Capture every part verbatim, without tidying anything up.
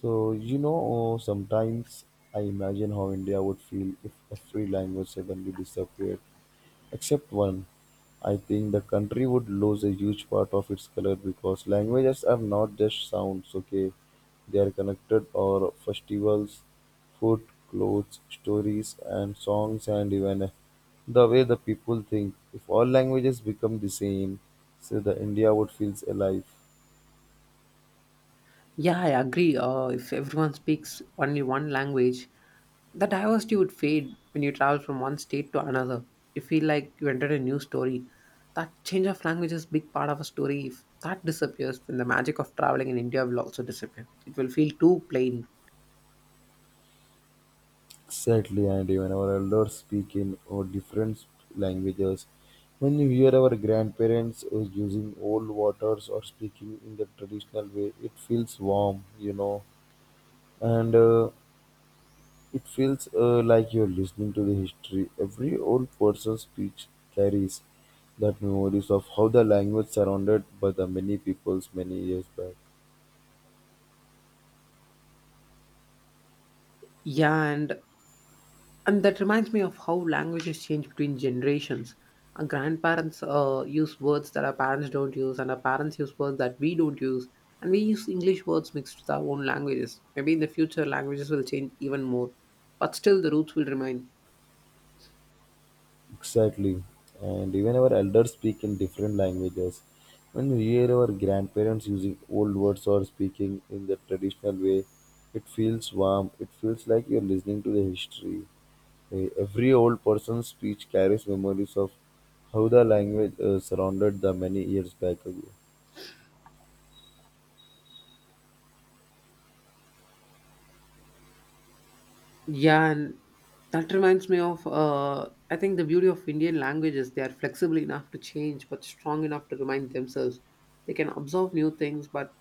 So, you know, oh, sometimes I imagine how India would feel if every language suddenly disappeared, except one. I think the country would lose a huge part of its color because languages are not just sounds, okay? They are connected or festivals, food, clothes, stories, and songs, and even uh, the way the people think. If all languages become the same, so the India would feel alive. Yeah, I agree. Uh, if everyone speaks only one language, the diversity would fade when you travel from one state to another. You feel like you entered a new story. That change of language is a big part of a story. If that disappears, then the magic of traveling in India will also disappear. It will feel too plain. Sadly, and even our elders speak in our different languages. When you hear our grandparents uh, using old waters or speaking in the traditional way, it feels warm, you know, and uh, it feels uh, like you're listening to the history. Every old person's speech carries that memories of how the language surrounded by the many peoples many years back. Yeah, and And that reminds me of how languages change between generations. Our grandparents uh, use words that our parents don't use, and our parents use words that we don't use. And we use English words mixed with our own languages. Maybe in the future, languages will change even more, but still the roots will remain. Exactly. And even our elders speak in different languages. When we hear our grandparents using old words or speaking in the traditional way, it feels warm. It feels like you're listening to the history. Eh, Every old person's speech carries memories of how the language uh, surrounded the many years back ago. Yeah, and that reminds me of uh, I think the beauty of Indian languages they are flexible enough to change, but strong enough to remind themselves. They can absorb new things, but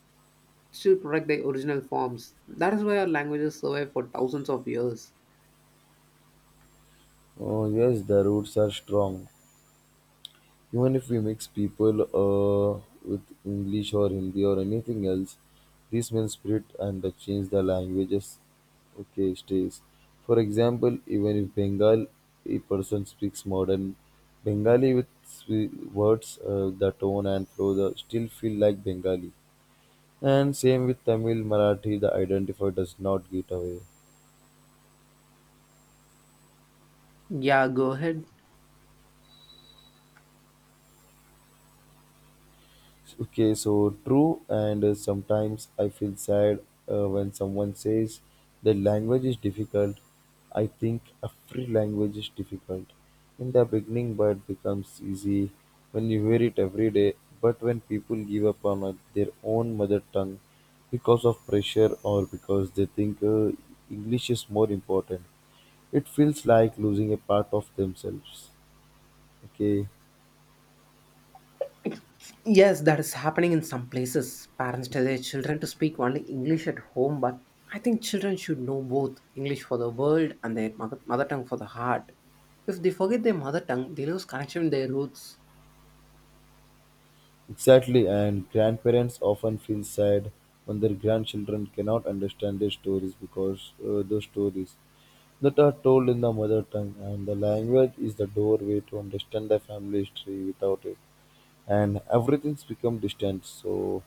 still protect their original forms. That is why our languages survive for thousands of years. Oh yes, the roots are strong. Even if we mix people uh, with English or Hindi or anything else, this will spirit and the change the languages. Okay, stays. For example, even if Bengal, a person speaks modern Bengali with swe- words, uh, the tone and flow the still feel like Bengali. And same with Tamil, Marathi, the identifier does not get away. Yeah, go ahead. Okay, so true, and uh, sometimes I feel sad uh, when someone says the language is difficult. I think every language is difficult in the beginning, but it becomes easy when you hear it every day. But when people give up on uh, their own mother tongue because of pressure or because they think uh, English is more important, it feels like losing a part of themselves. Okay, Yes, that is happening in some places. Parents tell okay. their children to speak only English at home, but I think children should know both English for the world and their mother, mother tongue for the heart. If they forget their mother tongue, they lose connection with their roots. Exactly, and grandparents often feel sad when their grandchildren cannot understand their stories because uh, those stories that are told in the mother tongue and the language is the doorway to understand the family history without it and everything's become distant so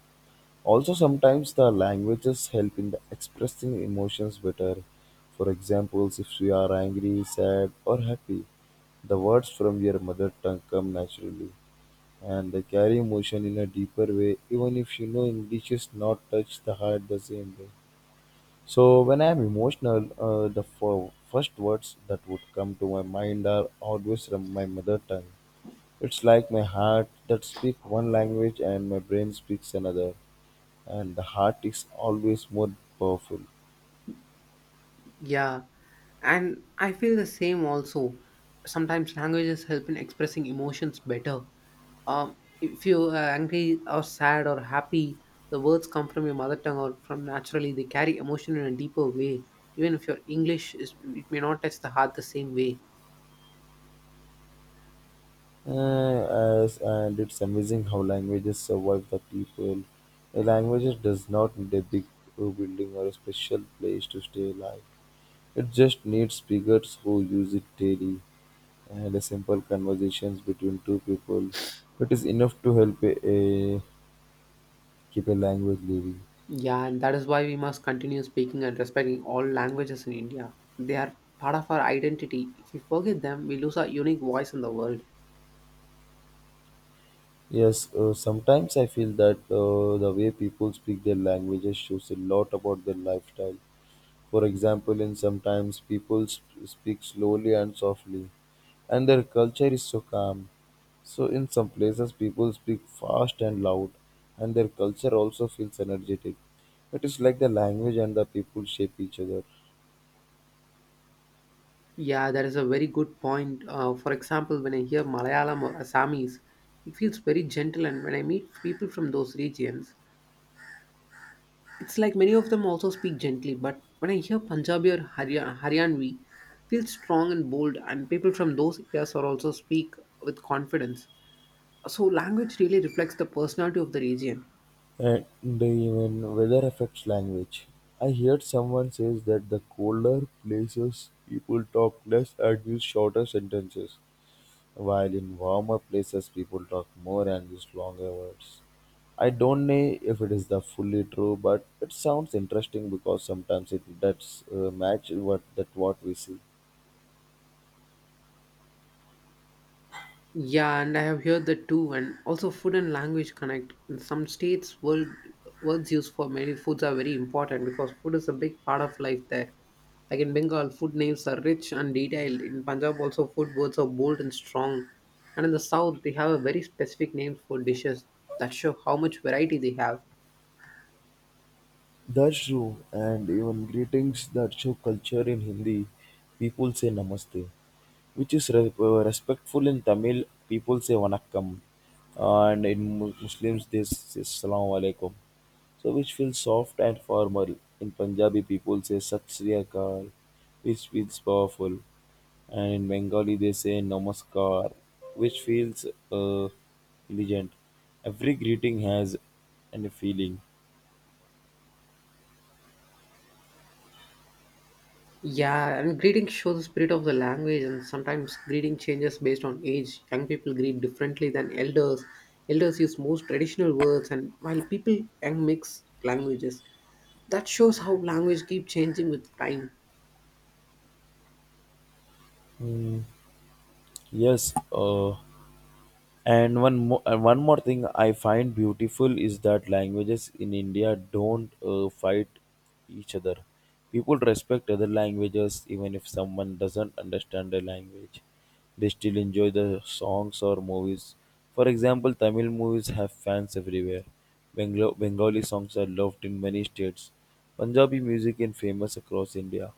also sometimes the languages help in the expressing emotions better for examples if you are angry sad or happy the words from your mother tongue come naturally and they carry emotion in a deeper way even if you know english is not touch the heart the same way so when I am emotional uh, the f- first words that would come to my mind are always from my mother tongue it's like my heart that speaks one language and my brain speaks another and the heart is always more powerful. Yeah, and I feel the same also. Sometimes languages help in expressing emotions better. Um, if you're uh, angry or sad or happy, the words come from your mother tongue or from naturally. They carry emotion in a deeper way. Even if your English is, it may not touch the heart the same way. Uh, as and it's amazing how languages survive the people, a language does not need a big uh, building or a special place to stay alive. It just needs speakers who use it daily, and a simple conversations between two people. It is enough to help a, a- keep a language living. Yeah, and that is why we must continue speaking and respecting all languages in India. They are part of our identity. If we forget them, we lose our unique voice in the world. Yes, uh, sometimes I feel that uh, the way people speak their languages shows a lot about their lifestyle. For example, in sometimes people sp- speak slowly and softly, and their culture is so calm. So in some places people speak fast and loud, and their culture also feels energetic. It is like the language and the people shape each other. Yeah, that is a very good point. Uh, for example, when I hear Malayalam or Assamese, it feels very gentle, and when I meet people from those regions, it's like many of them also speak gently. But when I hear Punjabi or Harya- Haryanvi, it feels strong and bold, and people from those areas are also speak with confidence. So language really reflects the personality of the region. And the even weather affects language. I heard someone says that the colder places people talk less and use shorter sentences, while in warmer places people talk more and use longer words. I don't know if it is the fully true, but it sounds interesting because sometimes it does uh, match what that what we see. Yeah, and I have heard that too. And also, food and language connect. In some states, word, words used for many foods are very important because food is a big part of life there. Like in Bengal, food names are rich and detailed. In Punjab, also, food words are bold and strong. And in the south, they have a very specific names for dishes that show how much variety they have. That's true, and even greetings that show culture in Hindi, people say namaste, which is re- uh, respectful in Tamil, people say vanakkam, and in Mu- Muslims they say Salaam alaikum, so which feels soft and formal. In Punjabi, people say Sat Sri Akal, which feels powerful, and in Bengali, they say Namaskar, which feels uh, elegant. Every greeting has an feeling. Yeah, and greetings show the spirit of the language, and sometimes greeting changes based on age. Young people greet differently than elders. Elders use most traditional words, and while people young mix languages. That shows how language keep changing with time. Yes, uh, and one more, one more thing I find beautiful is that languages in India don't uh, fight each other. People respect other languages even if someone doesn't understand their language. They still enjoy the songs or movies. For example, Tamil movies have fans everywhere. Benglo- Bengali songs are loved in many states. Punjabi music is famous across India.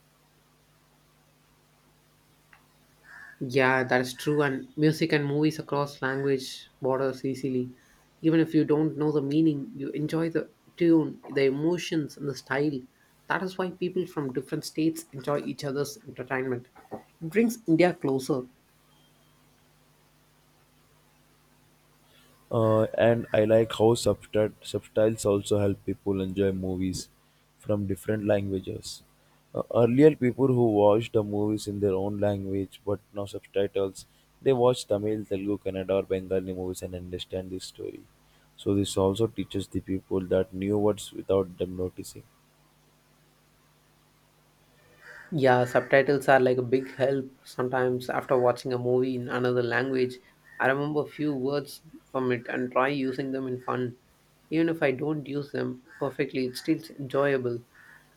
Yeah, that is true. And music and movies across language borders easily. Even if you don't know the meaning, you enjoy the tune, the emotions, and the style. That is why people from different states enjoy each other's entertainment. It brings India closer. Uh, and I like how subtit- subtitles also help people enjoy movies from different languages. Uh, earlier, people who watched the movies in their own language, but now subtitles, they watch Tamil, Telugu, Kannada, or Bengali movies and understand the story. So this also teaches the people that new words without them noticing. Yeah, subtitles are like a big help sometimes after watching a movie in another language. I remember few words from it and try using them in fun. Even if I don't use them perfectly, it's still enjoyable.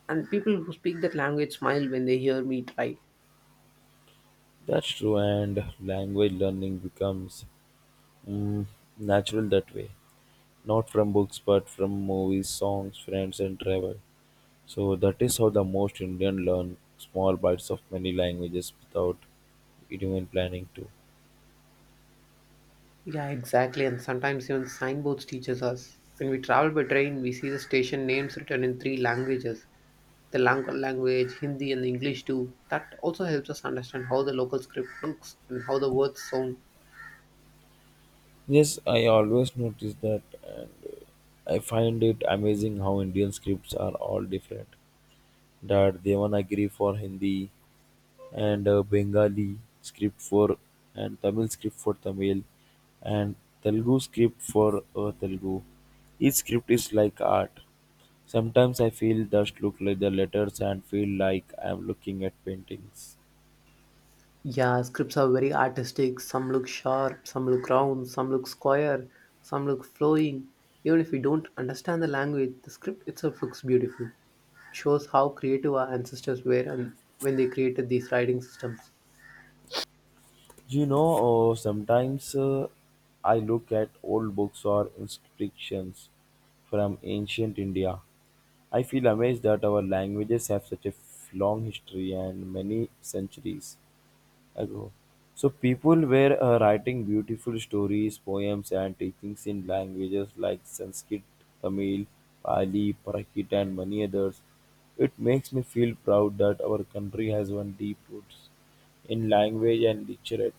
And people who speak that language smile when they hear me try. That's true, and language learning becomes mm, natural that way, not from books, but from movies, songs, friends, and travel. So that is how the most Indian learn small bites of many languages without even planning to. Yeah, exactly. And sometimes even signboards teaches us. When we travel by train, we see the station names written in three languages the Lankan language, Hindi, and English too. That also helps us understand how the local script looks and how the words sound. Yes, I always notice that, and uh, I find it amazing how Indian scripts are all different, that Devanagari for Hindi and uh, Bengali script for and Tamil script for Tamil and Telugu script for uh, Telugu. Each script is like art. Sometimes I feel just look like the letters and feel like I'm looking at paintings. Yeah, scripts are very artistic. Some look sharp, some look round, some look square, some look flowing. Even if we don't understand the language, the script itself looks beautiful. It shows how creative our ancestors were and when they created these writing systems. You know, uh, sometimes uh, I look at old books or inscriptions from ancient India. I feel amazed that our languages have such a f- long history and many centuries ago. So, people were uh, writing beautiful stories, poems, and teachings in languages like Sanskrit, Tamil, Pali, Prakrit, and many others. It makes me feel proud that our country has one deep roots in language and literature.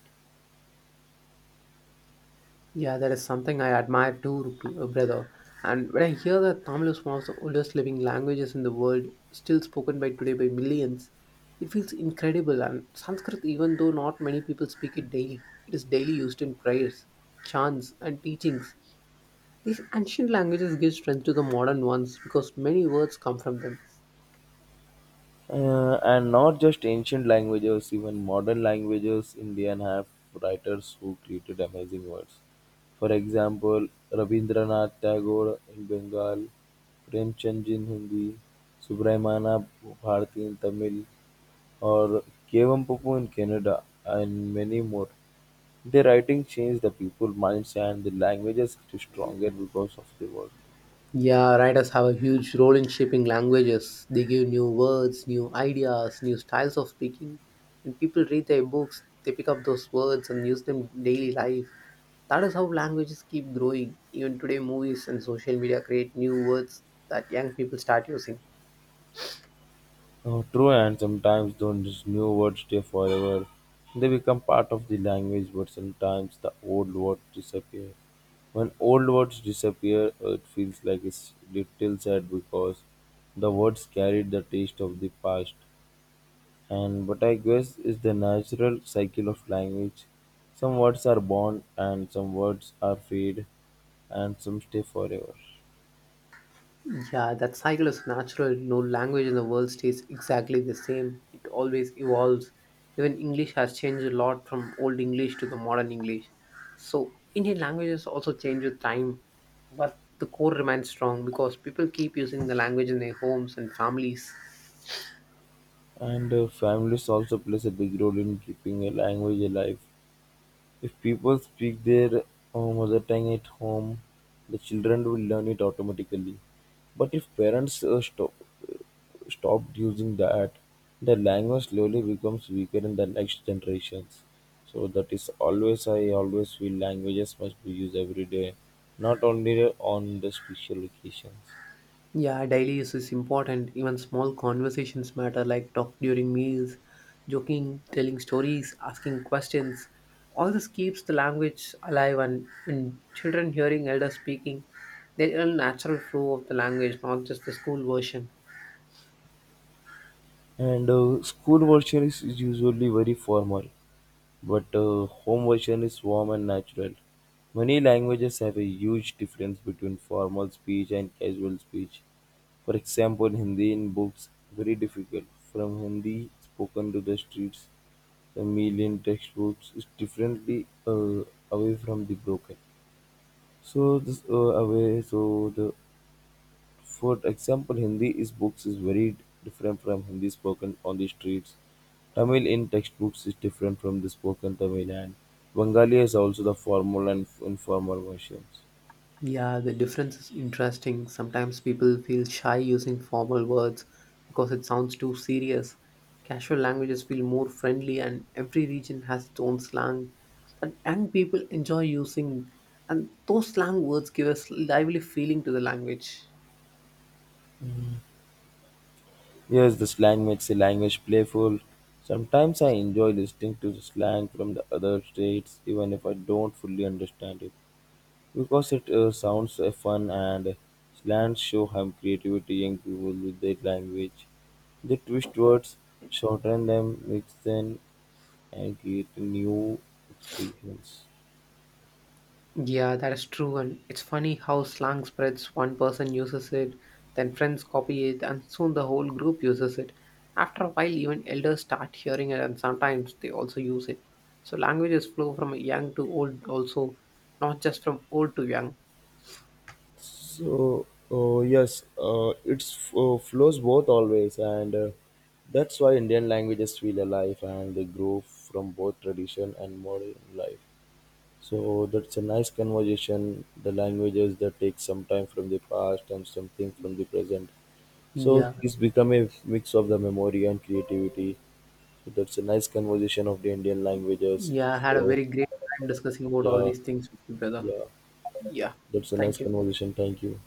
Yeah, that is something I admire too, Rup- brother. And when I hear that Tamil is one of the oldest living languages in the world, still spoken by today by millions, it feels incredible. And Sanskrit, even though not many people speak it daily, it is daily used in prayers, chants, and teachings. These ancient languages give strength to the modern ones because many words come from them. Uh, and not just ancient languages, even modern languages, Indian have writers who created amazing words. For example, Rabindranath Tagore in Bengal, Premchand in Hindi, Subramana Bharati in Tamil, or Kevampupu in Canada, and many more. Their writing changed the people's minds and the languages grew stronger because of their work. Yeah, writers have a huge role in shaping languages. They give new words, new ideas, new styles of speaking. When people read their books, they pick up those words and use them in daily life. That is how languages keep growing. Even today, movies and social media create new words that young people start using. Oh, true, and sometimes those new words stay forever. They become part of the language, but sometimes the old words disappear. When old words disappear, uh, it feels like it's little sad because the words carried the taste of the past. And but I guess it's the natural cycle of language. Some words are born, and some words are fade, and some stay forever. Yeah, that cycle is natural. No language in the world stays exactly the same. It always evolves. Even English has changed a lot from Old English to the modern English. So Indian languages also change with time, but the core remains strong because people keep using the language in their homes and families. And uh, families also plays a big role in keeping a language alive. If people speak their uh, mother tongue at home, the children will learn it automatically. But if parents uh, stop, uh, stopped using that, the language slowly becomes weaker in the next generations. So that is always I always feel languages must be used every day, not only on the special occasions. Yeah, daily use is important. Even small conversations matter, like talk during meals, joking, telling stories, asking questions. All this keeps the language alive, and when children hearing elders speaking, they learn natural flow of the language, not just the school version. And uh, school version is usually very formal, but the home version is warm and natural. Many languages have a huge difference between formal speech and casual speech. For example, Hindi in books very difficult. From Hindi spoken to the streets, the meal in textbooks is differently uh, away from the broken. So this uh, away. So the for example, Hindi is books is very different from Hindi spoken on the streets. Tamil in textbooks is different from the spoken Tamil and Bengali is also the formal and informal versions. Yeah, the difference is interesting. Sometimes people feel shy using formal words because it sounds too serious. Casual languages feel more friendly, and every region has its own slang that young people enjoy using. And those slang words give a lively feeling to the language. Yes, the slang makes a language playful. Sometimes I enjoy listening to the slang from the other states even if I don't fully understand it. Because it uh, sounds uh, fun and slangs show how creativity young people with their language. They twist words, shorten them, mix them, and create new expressions. Yeah, that is true, and it's funny how slang spreads. One person uses it, then friends copy it, and soon the whole group uses it. After a while, even elders start hearing it, and sometimes they also use it. So, languages flow from young to old, also, not just from old to young. So, uh, yes, uh, it's uh, flows both always, and uh, that's why Indian languages feel alive and they grow from both tradition and modern life. So that's a nice conversation. The languages that take some time from the past and something from the present. So Yeah, it's become a mix of the memory and creativity. So that's a nice conversation of the Indian languages. yeah, I had a So very great time discussing about all yeah, these things with you, brother. yeah, Yeah, that's a nice thank you. conversation. Thank you.